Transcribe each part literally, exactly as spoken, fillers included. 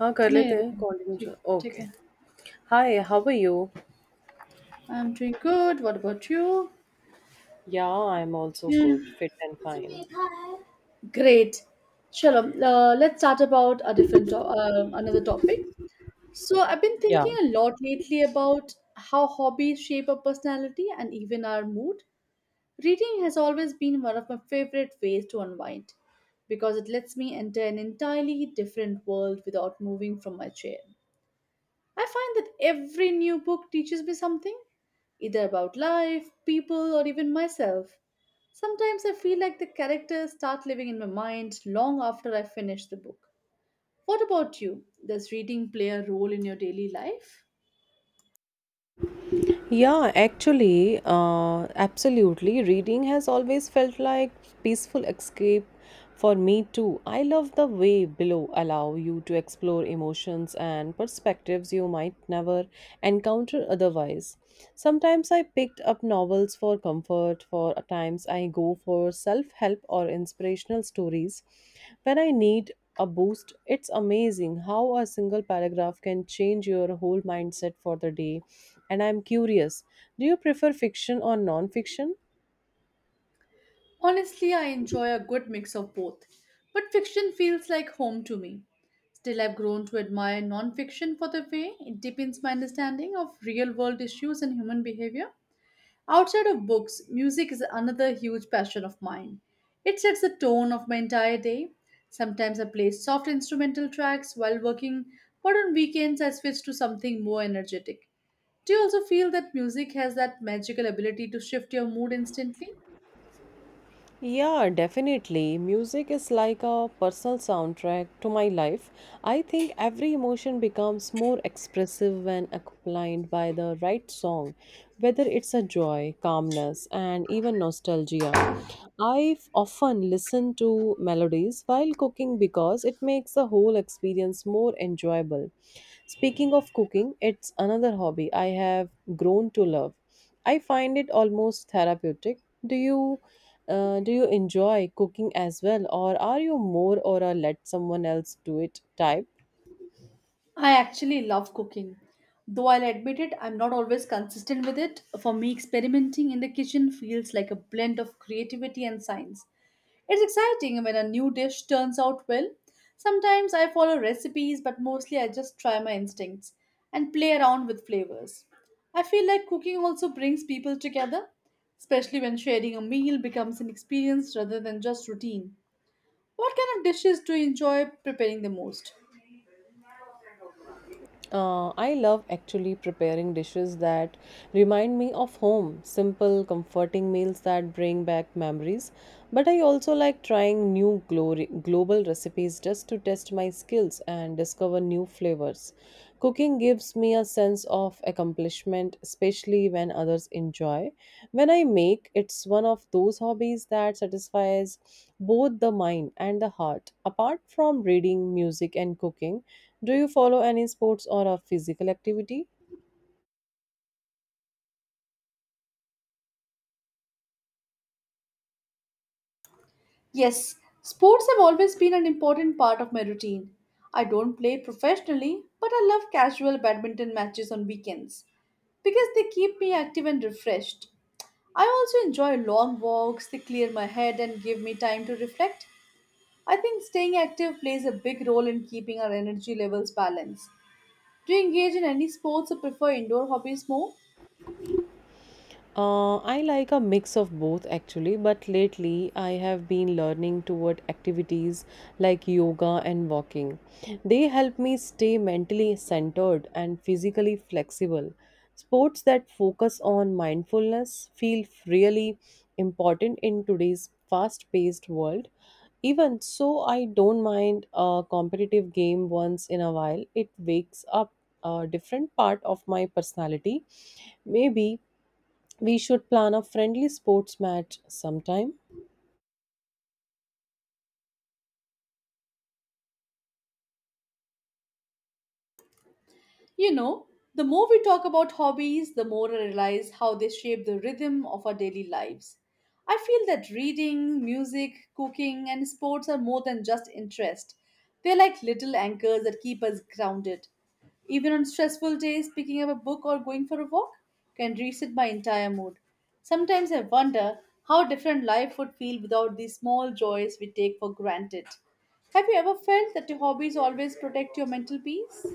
हाँ, कर लेते हैं Anirban. Continue, Take take okay. care. Hi, how are you? I'm doing good. What about you? Yeah. I am also Yeah. Good, fit and fine. Great. Shalom. Uh, let's start about a different to- um another topic. So I've been Yeah. thinking a lot lately about how hobbies shape our personality and even our mood. Reading has always been one of my favorite ways to unwind because it lets me enter an entirely different world without moving from my chair. I find that every new book teaches me something, either about life, people, or even myself. Sometimes I feel like the characters start living in my mind long after I finish the book. What about you? Does reading play a role in your daily life? Yeah, actually, uh, absolutely. Reading has always felt like peaceful escape for me too. I love the way below allow you to explore emotions and perspectives you might never encounter otherwise. Sometimes I picked up novels for comfort, for times I go for self-help or inspirational stories when I need a boost. It's amazing how a single paragraph can change your whole mindset for the day. And I'm curious, do you prefer fiction or non fiction? Honestly, I enjoy a good mix of both, but fiction feels like home to me. Still, I've grown to admire nonfiction for the way it deepens my understanding of real world issues and human behavior. Outside of books, music is another huge passion of mine. It sets the tone of my entire day. Sometimes I play soft instrumental tracks while working, but on weekends I switch to something more energetic. Do you also feel that music has that magical ability to shift your mood instantly? Yeah, definitely. Music is like a personal soundtrack to my life. I think every emotion becomes more expressive when accompanied by the right song, whether it's a joy, calmness, and even nostalgia. I often listen to melodies while cooking because it makes the whole experience more enjoyable. Speaking of cooking, it's another hobby I have grown to love. I find it almost therapeutic. Do you uh, do you enjoy cooking as well, or are you more or a let someone else do it type? I actually love cooking. Though I'll admit it, I'm not always consistent with it. For me, experimenting in the kitchen feels like a blend of creativity and science. It's exciting when a new dish turns out well. Sometimes I follow recipes, but mostly I just try my instincts and play around with flavors. I feel like cooking also brings people together, especially when sharing a meal becomes an experience rather than just routine. What kind of dishes do you enjoy preparing the most? Uh, I love actually preparing dishes that remind me of home, simple, comforting meals that bring back memories. But I also like trying new glory, global recipes just to test my skills and discover new flavors. Cooking gives me a sense of accomplishment, especially when others enjoy. When I make, it's one of those hobbies that satisfies both the mind and the heart. Apart from reading, music, and cooking, do you follow any sports or a physical activity? Yes, sports have always been an important part of my routine. I don't play professionally, but I love casual badminton matches on weekends because they keep me active and refreshed. I also enjoy long walks, they clear my head and give me time to reflect. I think staying active plays a big role in keeping our energy levels balanced. Do you engage in any sports or prefer indoor hobbies more? Uh, I like a mix of both actually, but lately I have been learning toward activities like yoga and walking. They help me stay mentally centered and physically flexible. Sports that focus on mindfulness feel really important in today's fast paced world. Even so, I don't mind a competitive game once in a while. It wakes up a different part of my personality. Maybe we should plan a friendly sports match sometime. You know, the more we talk about hobbies, the more I realize how they shape the rhythm of our daily lives. I feel that reading, music, cooking, and sports are more than just interest. They're like little anchors that keep us grounded. Even on stressful days, picking up a book or going for a walk can reset my entire mood. Sometimes I wonder how different life would feel without these small joys we take for granted. Have you ever felt that your hobbies always protect your mental peace?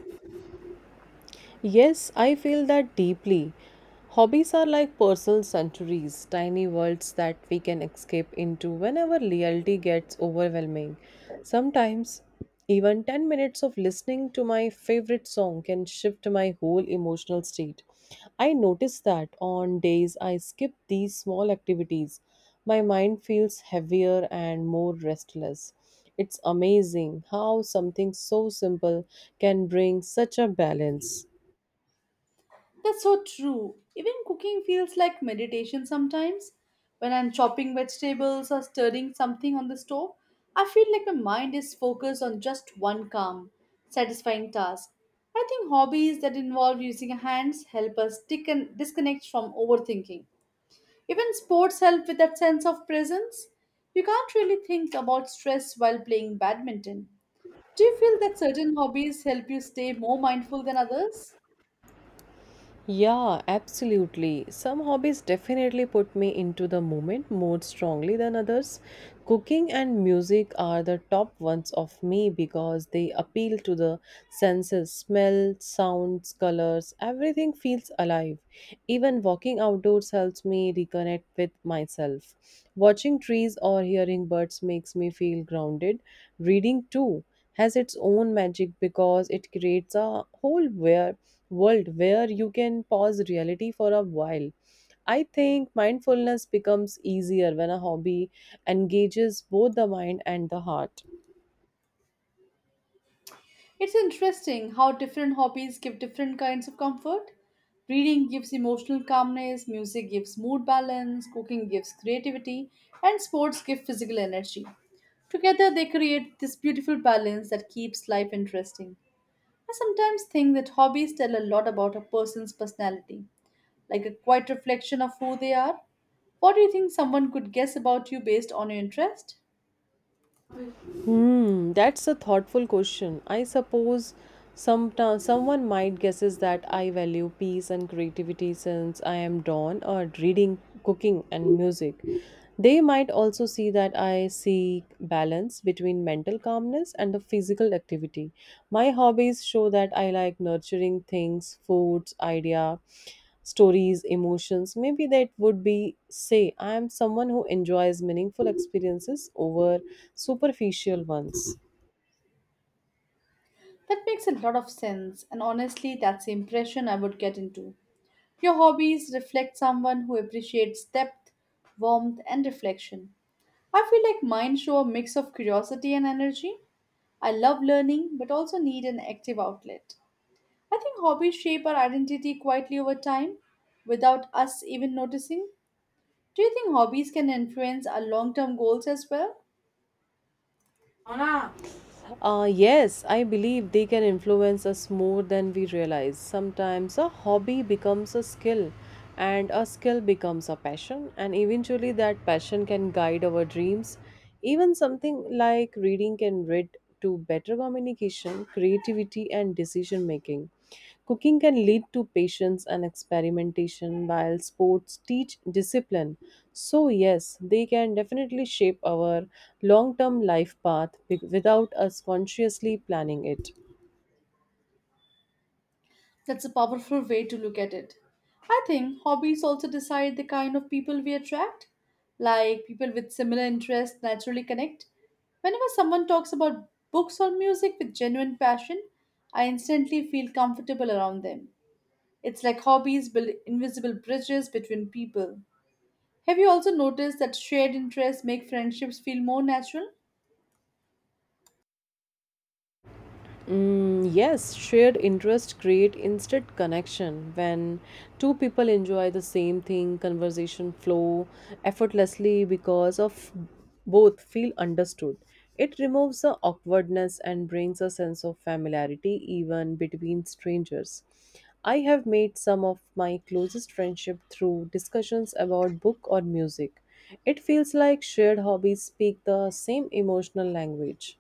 Yes, I feel that deeply. Hobbies are like personal sanctuaries, tiny worlds that we can escape into whenever reality gets overwhelming. Sometimes, even ten minutes of listening to my favorite song can shift my whole emotional state. I notice that on days I skip these small activities, my mind feels heavier and more restless. It's amazing how something so simple can bring such a balance. That's so true. Even cooking feels like meditation sometimes. When I'm chopping vegetables or stirring something on the stove, I feel like my mind is focused on just one calm, satisfying task. I think hobbies that involve using our hands help us tick and disconnect from overthinking. Even sports help with that sense of presence. You can't really think about stress while playing badminton. Do you feel that certain hobbies help you stay more mindful than others? Yeah, absolutely. Some hobbies definitely put me into the moment more strongly than others. Cooking and music are the top ones of me because they appeal to the senses smell, sounds, colors, everything feels alive. Even walking outdoors helps me reconnect with myself. Watching trees or hearing birds makes me feel grounded. Reading too has its own magic because it creates a whole where world where you can pause reality for a while. I think mindfulness becomes easier when a hobby engages both the mind and the heart. It's interesting how different hobbies give different kinds of comfort. Reading gives emotional calmness, music gives mood balance, cooking gives creativity, and sports give physical energy. Together, they create this beautiful balance that keeps life interesting. I sometimes think that hobbies tell a lot about a person's personality, like a quiet reflection of who they are. What do you think someone could guess about you based on your interest? Hmm, that's a thoughtful question. I suppose some someone might guesses that I value peace and creativity since I am drawn or reading, cooking, and music. They might also see that I seek balance between mental calmness and the physical activity. My hobbies show that I like nurturing things, foods, idea, stories, emotions. Maybe that would be say, I am someone who enjoys meaningful experiences over superficial ones. That makes a lot of sense, and honestly, that's the impression I would get into. Your hobbies reflect someone who appreciates depth, warmth, and reflection. I feel like mine show a mix of curiosity and energy. I love learning but also need an active outlet. I think hobbies shape our identity quietly over time without us even noticing. Do you think hobbies can influence our long term goals as well? Uh, yes, I believe they can influence us more than we realize. Sometimes a hobby becomes a skill, and a skill becomes a passion, and eventually that passion can guide our dreams. Even something like reading can lead to better communication, creativity, and decision making. Cooking can lead to patience and experimentation, while sports teach discipline. So, yes, they can definitely shape our long term life path wi- without us consciously planning it. That's a powerful way to look at it. I think hobbies also decide the kind of people we attract. Like people with similar interests naturally connect. Whenever someone talks about books or music with genuine passion, I instantly feel comfortable around them. It's like hobbies build invisible bridges between people. Have you also noticed that shared interests make friendships feel more natural? Mm, yes, shared interest create instant connection. When two people enjoy the same thing, conversation flow effortlessly because of both feel understood. It removes the awkwardness and brings a sense of familiarity even between strangers. I have made some of my closest friendship through discussions about book or music. It feels like shared hobbies speak the same emotional language.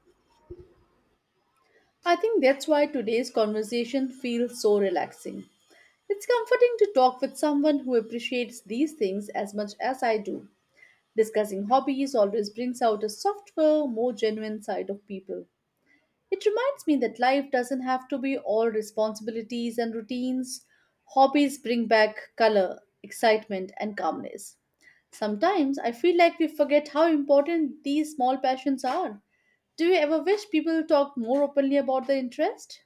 I think that's why today's conversation feels so relaxing. It's comforting to talk with someone who appreciates these things as much as I do. Discussing hobbies always brings out a softer, more genuine side of people. It reminds me that life doesn't have to be all responsibilities and routines. Hobbies bring back color, excitement, and calmness. Sometimes I feel like we forget how important these small passions are. Do you ever wish people talked more openly about their interest?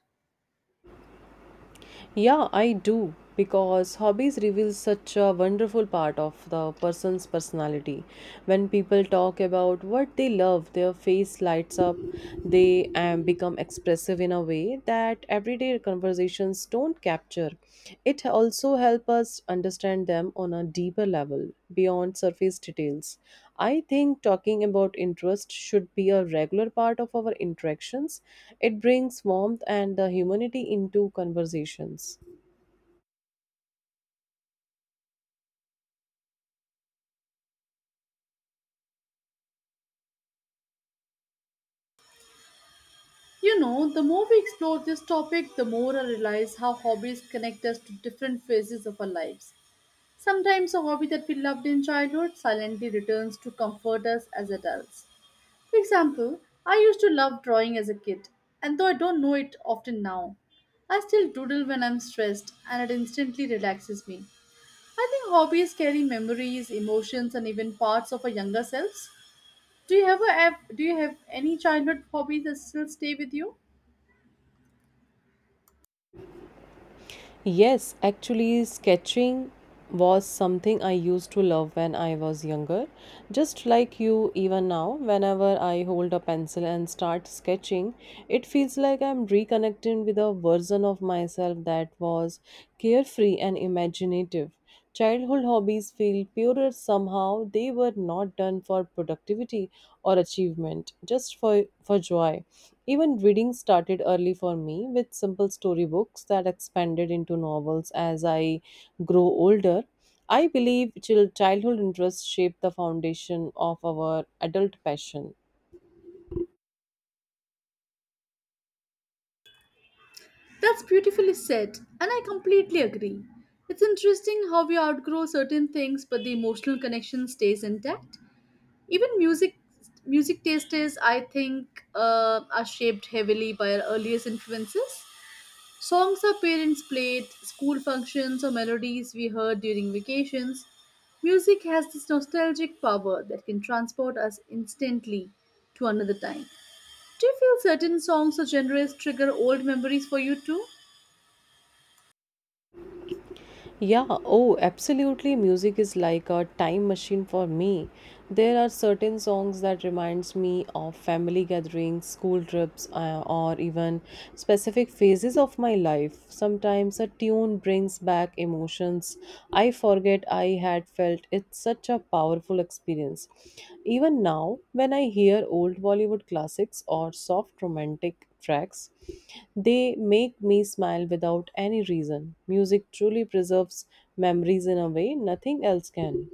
Yeah, I do because hobbies reveal such a wonderful part of the person's personality. When people talk about what they love, their face lights up. They um, become expressive in a way that everyday conversations don't capture capture. It also helps us understand them on a deeper level, beyond surface details. I think talking about interest should be a regular part of our interactions. It brings warmth and the humanity into conversations. You know, the more we explore this topic, the more I realize how hobbies connect us to different phases of our lives. Sometimes a hobby that we loved in childhood silently returns to comfort us as adults. For example, I used to love drawing as a kid, and though I don't know it often now, I still doodle when I'm stressed and it instantly relaxes me. I think hobbies carry memories, emotions, and even parts of our younger selves. Do you ever have do you have any childhood hobbies that still stay with you? Yes, actually, sketching was something I used to love when I was younger. Just like you, even now, whenever I hold a pencil and start sketching, it feels like I'm reconnecting with a version of myself that was carefree and imaginative. Childhood hobbies feel purer somehow. They were not done for productivity or achievement, just for, for joy. Even reading started early for me with simple storybooks that expanded into novels as I grow older. I believe chil- childhood interests shape the foundation of our adult passion. That's beautifully said, and I completely agree. It's interesting how we outgrow certain things, but the emotional connection stays intact. Even music, music tastes, I think, uh, are shaped heavily by our earliest influences. Songs our parents played, school functions, or melodies we heard during vacations. Music has this nostalgic power that can transport us instantly to another time. Do you feel certain songs or genres trigger old memories for you too? Yeah, oh, absolutely. Music is like a time machine for me. There are certain songs that reminds me of family gatherings, school trips, uh, or even specific phases of my life. Sometimes a tune brings back emotions I forgot forget I had felt. It's such a powerful experience. Even now, when I hear old Bollywood classics or soft romantic tracks, they make me smile without any reason. Music truly preserves memories in a way nothing else can.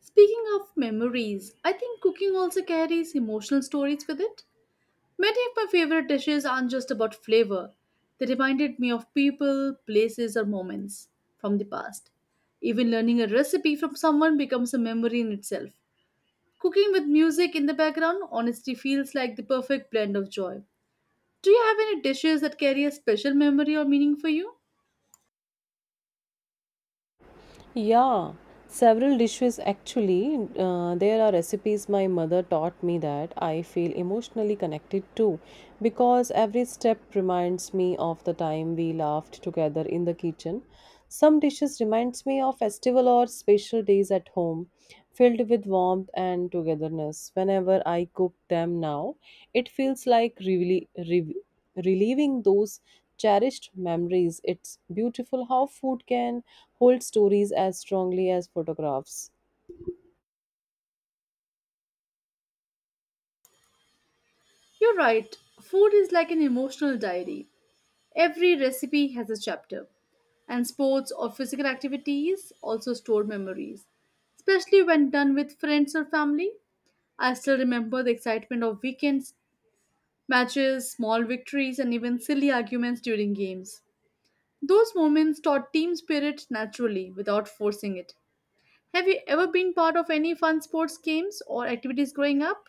Speaking of memories, I think cooking also carries emotional stories with it. Many of my favorite dishes aren't just about flavor, they reminded me of people, places, or moments from the past. Even learning a recipe from someone becomes a memory in itself. Cooking with music in the background honestly feels like the perfect blend of joy. Do you have any dishes that carry a special memory or meaning for you? Yeah, several dishes actually. Uh, there are recipes my mother taught me that I feel emotionally connected to because every step reminds me of the time we laughed together in the kitchen. Some dishes reminds me of festival or special days at home filled with warmth and togetherness. Whenever I cook them now, it feels like really reliving those cherished memories. It's beautiful how food can hold stories as strongly as photographs. You're right, food is like an emotional diary. Every recipe has a chapter, and sports or physical activities also store memories, especially when done with friends or family. I still remember the excitement of weekends, matches, small victories, and even silly arguments during games. Those moments taught team spirit naturally without forcing it. Have you ever been part of any fun sports games or activities growing up?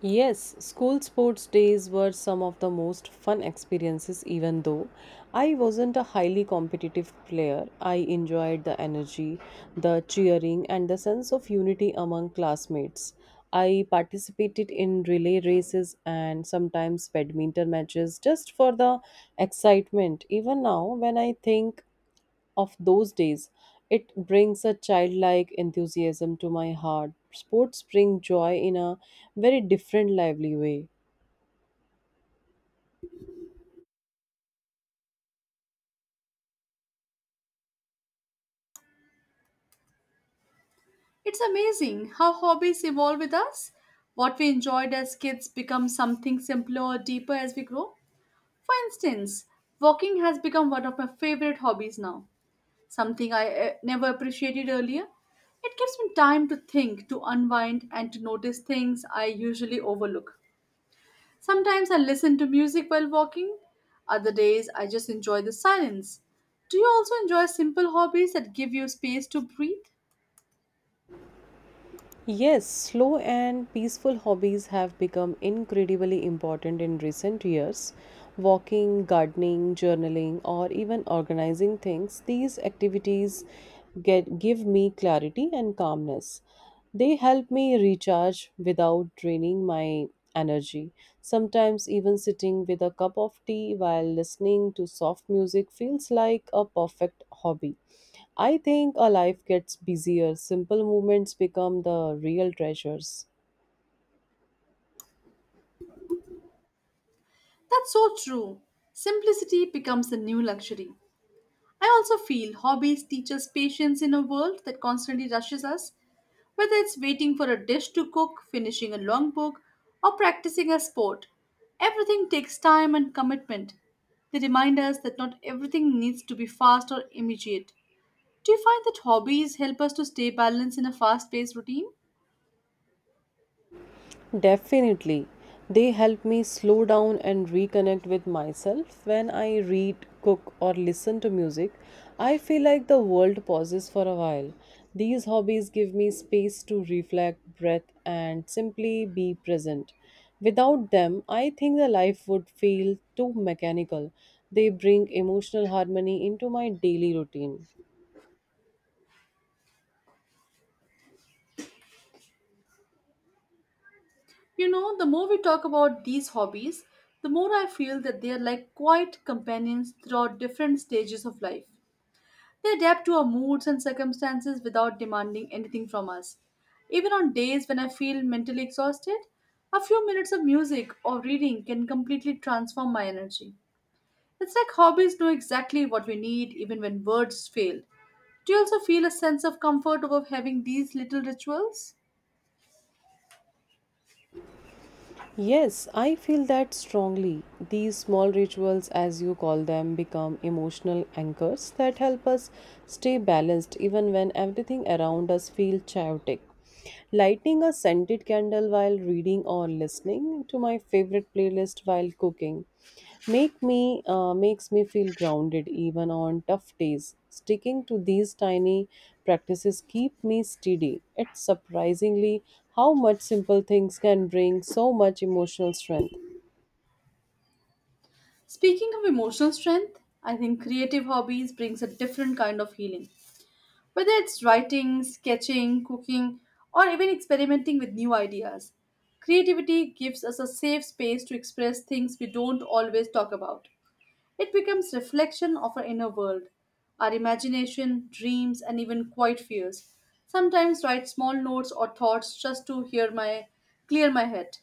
Yes, school sports days were some of the most fun experiences, even though I wasn't a highly competitive player. I enjoyed the energy, the cheering, and the sense of unity among classmates. I participated in relay races and sometimes badminton matches just for the excitement. Even now, when I think of those days. It brings a childlike enthusiasm to my heart. Sports bring joy in a very different, lively way. It's amazing how hobbies evolve with us. What we enjoyed as kids becomes something simpler or deeper as we grow. For instance, walking has become one of my favorite hobbies now, something I eh, never appreciated earlier. It gives me time to think, to unwind, and to notice things I usually overlook. Sometimes I listen to music while walking, other days I just enjoy the silence. Do you also enjoy simple hobbies that give you space to breathe? Yes, slow and peaceful hobbies have become incredibly important in recent years. Walking, gardening, journaling, or even organizing things, these activities get, give me clarity and calmness. They help me recharge without draining my energy. Sometimes, even sitting with a cup of tea while listening to soft music feels like a perfect hobby. I think a life gets busier. Simple moments become the real treasures. That's so true. Simplicity becomes the new luxury. I also feel hobbies teach us patience in a world that constantly rushes us. Whether it's waiting for a dish to cook, finishing a long book, or practicing a sport, everything takes time and commitment. They remind us that not everything needs to be fast or immediate. Do you find that hobbies help us to stay balanced in a fast paced routine? Definitely. They help me slow down and reconnect with myself. When I read, cook, or listen to music, I feel like the world pauses for a while. These hobbies give me space to reflect, breath, and simply be present. Without them, I think the life would feel too mechanical. They bring emotional harmony into my daily routine. You know, the more we talk about these hobbies, the more I feel that they are like quiet companions throughout different stages of life. They adapt to our moods and circumstances without demanding anything from us. Even on days when I feel mentally exhausted, a few minutes of music or reading can completely transform my energy. It's like hobbies know exactly what we need even when words fail. Do you also feel a sense of comfort over having these little rituals? Yes, I feel that strongly. These small rituals, as you call them, become emotional anchors that help us stay balanced even when everything around us feels chaotic. Lighting a scented candle while reading or listening to my favorite playlist while cooking make me uh, makes me feel grounded even on tough days, sticking to these tiny practices keep me steady. It's surprisingly how much simple things can bring so much emotional strength. Speaking of emotional strength, I think creative hobbies brings a different kind of healing. Whether it's writing, sketching, cooking, or even experimenting with new ideas, creativity gives us a safe space to express things we don't always talk about. It becomes reflection of our inner world, our imagination, dreams, and even quiet fears. Sometimes write small notes or thoughts just to hear my clear my head.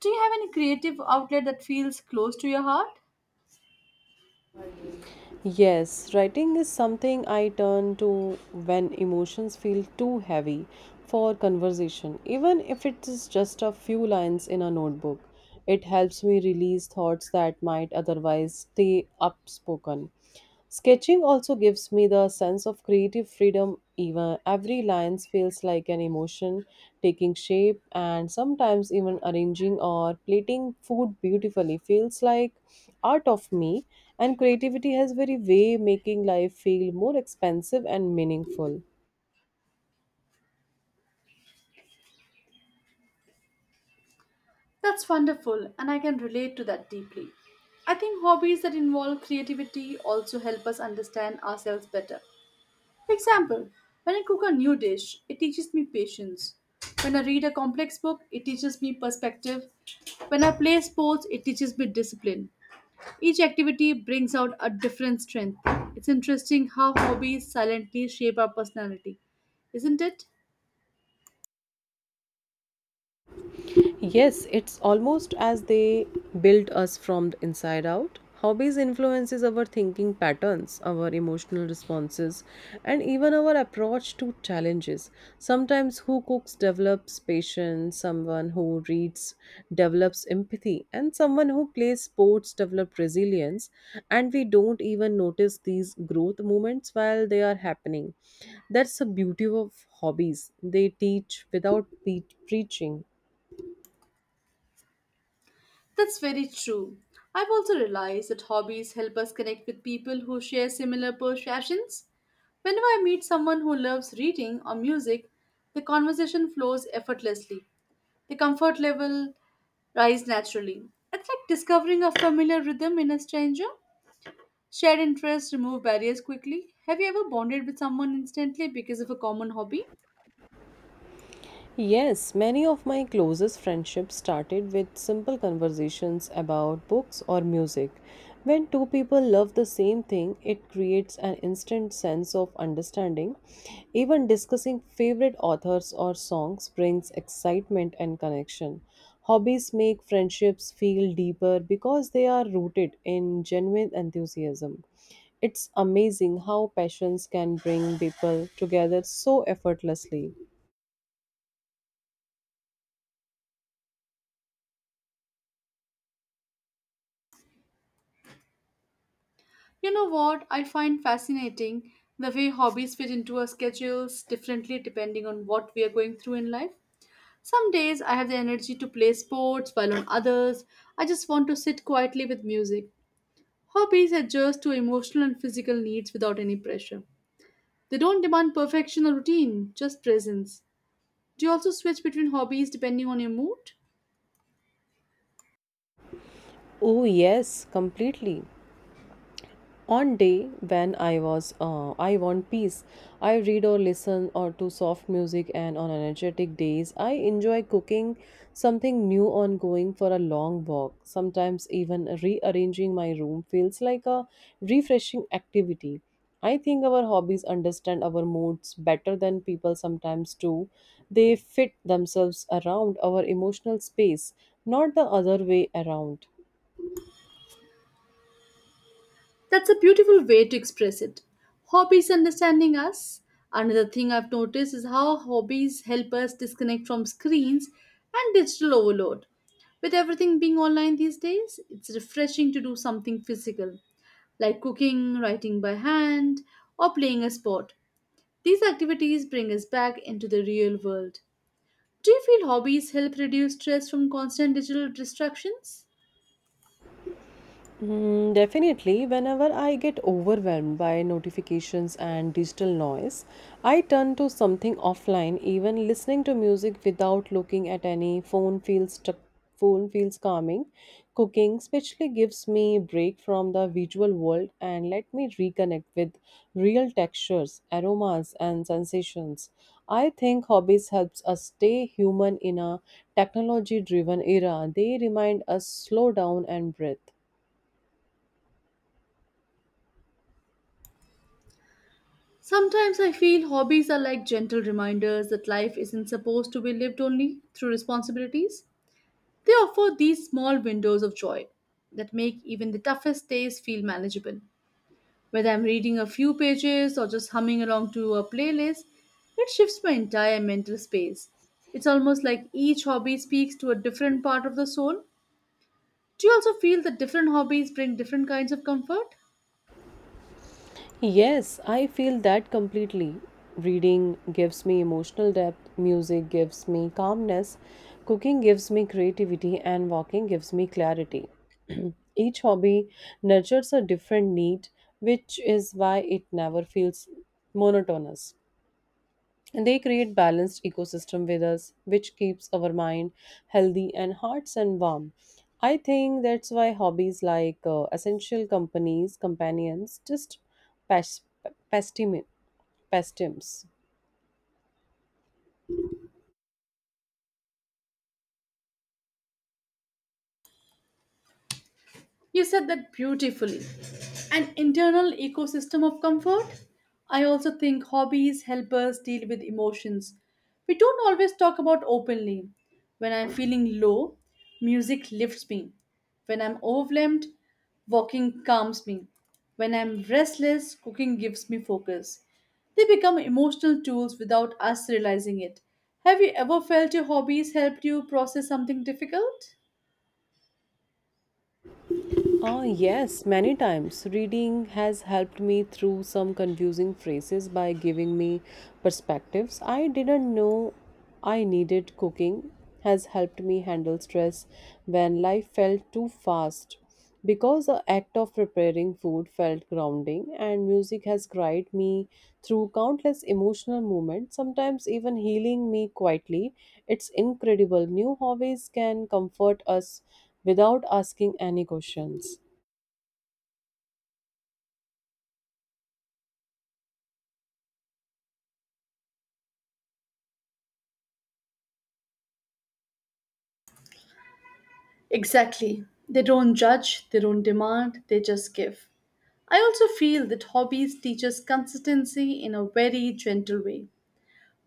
Do you have any creative outlet that feels close to your heart? Yes, writing is something I turn to when emotions feel too heavy for conversation, even if it is just a few lines in a notebook. It helps me release thoughts that might otherwise stay upspoken. Sketching also gives me the sense of creative freedom, even every line feels like an emotion taking shape, and sometimes even arranging or plating food beautifully feels like art of me. And creativity has very way making life feel more expensive and meaningful. That's wonderful, and I can relate to that deeply. I think hobbies that involve creativity also help us understand ourselves better. For example, when I cook a new dish, it teaches me patience. When I read a complex book, it teaches me perspective. When I play sports, it teaches me discipline. Each activity brings out a different strength. It's interesting how hobbies silently shape our personality, isn't it? Yes, it's almost as they build us from the inside out. Hobbies influences our thinking patterns, our emotional responses, and even our approach to challenges. Sometimes who cooks develops patience, someone who reads develops empathy, and someone who plays sports develops resilience, and we don't even notice these growth moments while they are happening. That's the beauty of hobbies. They teach without pe- preaching. That's very true. I've also realized that hobbies help us connect with people who share similar passions. Whenever I meet someone who loves reading or music, the conversation flows effortlessly. The comfort level rise naturally. It's like discovering a familiar rhythm in a stranger. Shared interests remove barriers quickly. Have you ever bonded with someone instantly because of a common hobby? Yes, many of my closest friendships started with simple conversations about books or music. When two people love the same thing, it creates an instant sense of understanding. Even discussing favorite authors or songs brings excitement and connection. Hobbies make friendships feel deeper because they are rooted in genuine enthusiasm. It's amazing how passions can bring people together so effortlessly. You know what I find fascinating? The way hobbies fit into our schedules differently depending on what we are going through in life. Some days I have the energy to play sports, while on others, I just want to sit quietly with music. Hobbies adjust to emotional and physical needs without any pressure. They don't demand perfection or routine, just presence. Do you also switch between hobbies depending on your mood? Oh yes, completely. On day when I was uh, I want peace, I read or listen or to soft music, and on energetic days I enjoy cooking something new on going for a long walk. Sometimes even rearranging my room feels like a refreshing activity. I think our hobbies understand our moods better than people sometimes do. They fit themselves around our emotional space, not the other way around. That's a beautiful way to express it. Hobbies understanding us. Another thing I've noticed is how hobbies help us disconnect from screens and digital overload. With everything being online these days, it's refreshing to do something physical, like cooking, writing by hand, or playing a sport. These activities bring us back into the real world. Do you feel hobbies help reduce stress from constant digital distractions? Mm, Definitely, whenever I get overwhelmed by notifications and digital noise, I turn to something offline. Even listening to music without looking at any phone feels tr- phone feels calming. Cooking especially gives me a break from the visual world and let me reconnect with real textures, aromas, and sensations. I think hobbies helps us stay human in a technology-driven era. They remind us slow down and breathe. Sometimes I feel hobbies are like gentle reminders that life isn't supposed to be lived only through responsibilities. They offer these small windows of joy that make even the toughest days feel manageable. Whether I'm reading a few pages or just humming along to a playlist, it shifts my entire mental space. It's almost like each hobby speaks to a different part of the soul. Do you also feel that different hobbies bring different kinds of comfort? Yes, I feel that completely. Reading gives me emotional depth, music gives me calmness, cooking gives me creativity, and walking gives me clarity. Each hobby nurtures a different need, which is why it never feels monotonous. And they create balanced ecosystem with us which keeps our mind healthy and hearts and warm. I think that's why hobbies like uh, essential companies companions, just past, pastimes You said that beautifully. An internal ecosystem of comfort? I also think hobbies help us deal with emotions. We don't always talk about openly. When I'm feeling low, music lifts me. When I'm overwhelmed, walking calms me. When I'm restless, cooking gives me focus. They become emotional tools without us realizing it. Have you ever felt your hobbies helped you process something difficult? Ah, yes, many times. Reading has helped me through some confusing phrases by giving me perspectives I didn't know I needed. Cooking has helped me handle stress when life felt too fast because the act of preparing food felt grounding, and music has guided me through countless emotional moments, sometimes even healing me quietly. It's incredible. New hobbies can comfort us without asking any questions. Exactly. They don't judge, they don't demand, they just give. I also feel that hobbies teach us consistency in a very gentle way.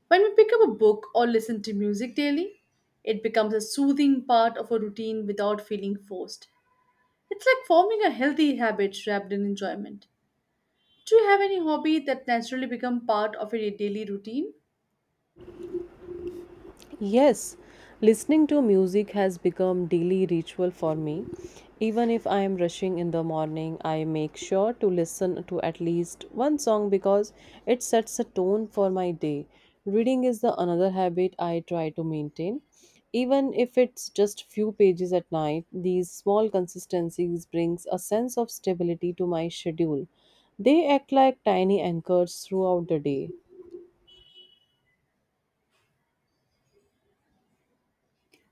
When we pick up a book or listen to music daily, it becomes a soothing part of a routine without feeling forced. It's like forming a healthy habit wrapped in enjoyment. Do you have any hobby that naturally become part of your daily routine? Yes, listening to music has become daily ritual for me. Even if I am rushing in the morning, I make sure to listen to at least one song because it sets a tone for my day. Reading is the another habit I try to maintain. Even if it's just few pages at night, these small consistencies brings a sense of stability to my schedule. They act like tiny anchors throughout the day.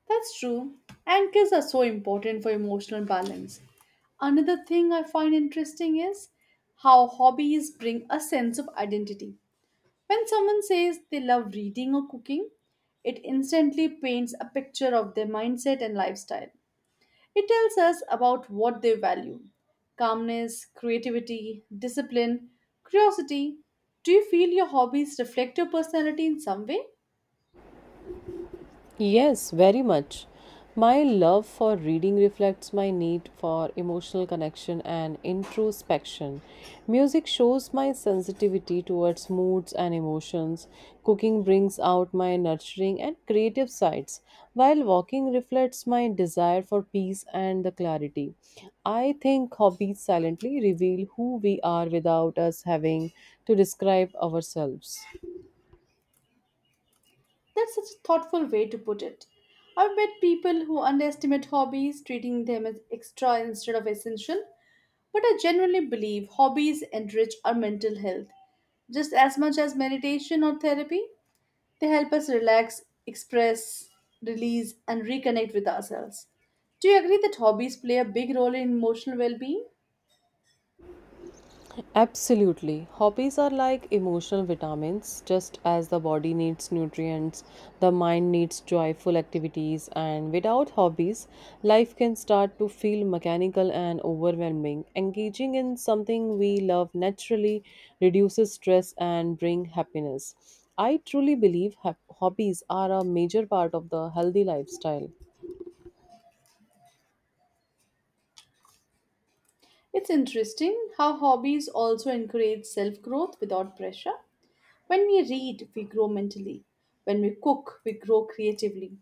That's true. Anchors are so important for emotional balance. Another thing I find interesting is how hobbies bring a sense of identity. When someone says they love reading or cooking, it instantly paints a picture of their mindset and lifestyle. It tells us about what they value calmness, creativity, discipline, curiosity. Do you feel your hobbies reflect your personality in some way? Yes, very much. My love for reading reflects my need for emotional connection and introspection. Music shows my sensitivity towards moods and emotions. Cooking brings out my nurturing and creative sides, while walking reflects my desire for peace and the clarity. I think hobbies silently reveal who we are without us having to describe ourselves. That's such a thoughtful way to put it. I've met people who underestimate hobbies, treating them as extra instead of essential, but I generally believe hobbies enrich our mental health just as much as meditation or therapy. They help us relax, express, release, and reconnect with ourselves. Do you agree that hobbies play a big role in emotional well being? Absolutely. Hobbies are like emotional vitamins. Just as the body needs nutrients, the mind needs joyful activities, and without hobbies, life can start to feel mechanical and overwhelming. Engaging in something we love naturally reduces stress and bring happiness. I truly believe hab- hobbies are a major part of the healthy lifestyle. It's interesting how hobbies also encourage self growth without pressure. When we read, we grow mentally. When we cook, we grow creatively.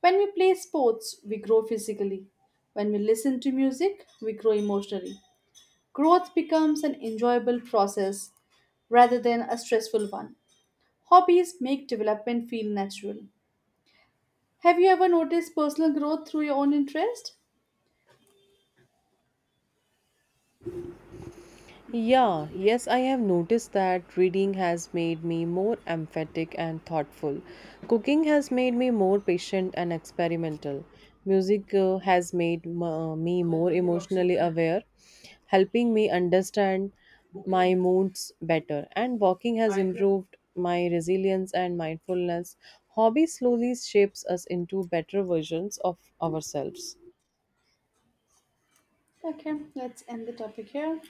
When we play sports, we grow physically. When we listen to music, we grow emotionally. Growth becomes an enjoyable process rather than a stressful one. Hobbies make development feel natural. Have you ever noticed personal growth through your own interest? Yeah, yes, I have noticed that reading has made me more emphatic and thoughtful. Cooking has made me more patient and experimental. Music uh, has made m- uh, me more emotionally aware, helping me understand my moods better. And walking has improved my resilience and mindfulness. Hobby slowly shapes us into better versions of ourselves. Okay, let's end the topic here.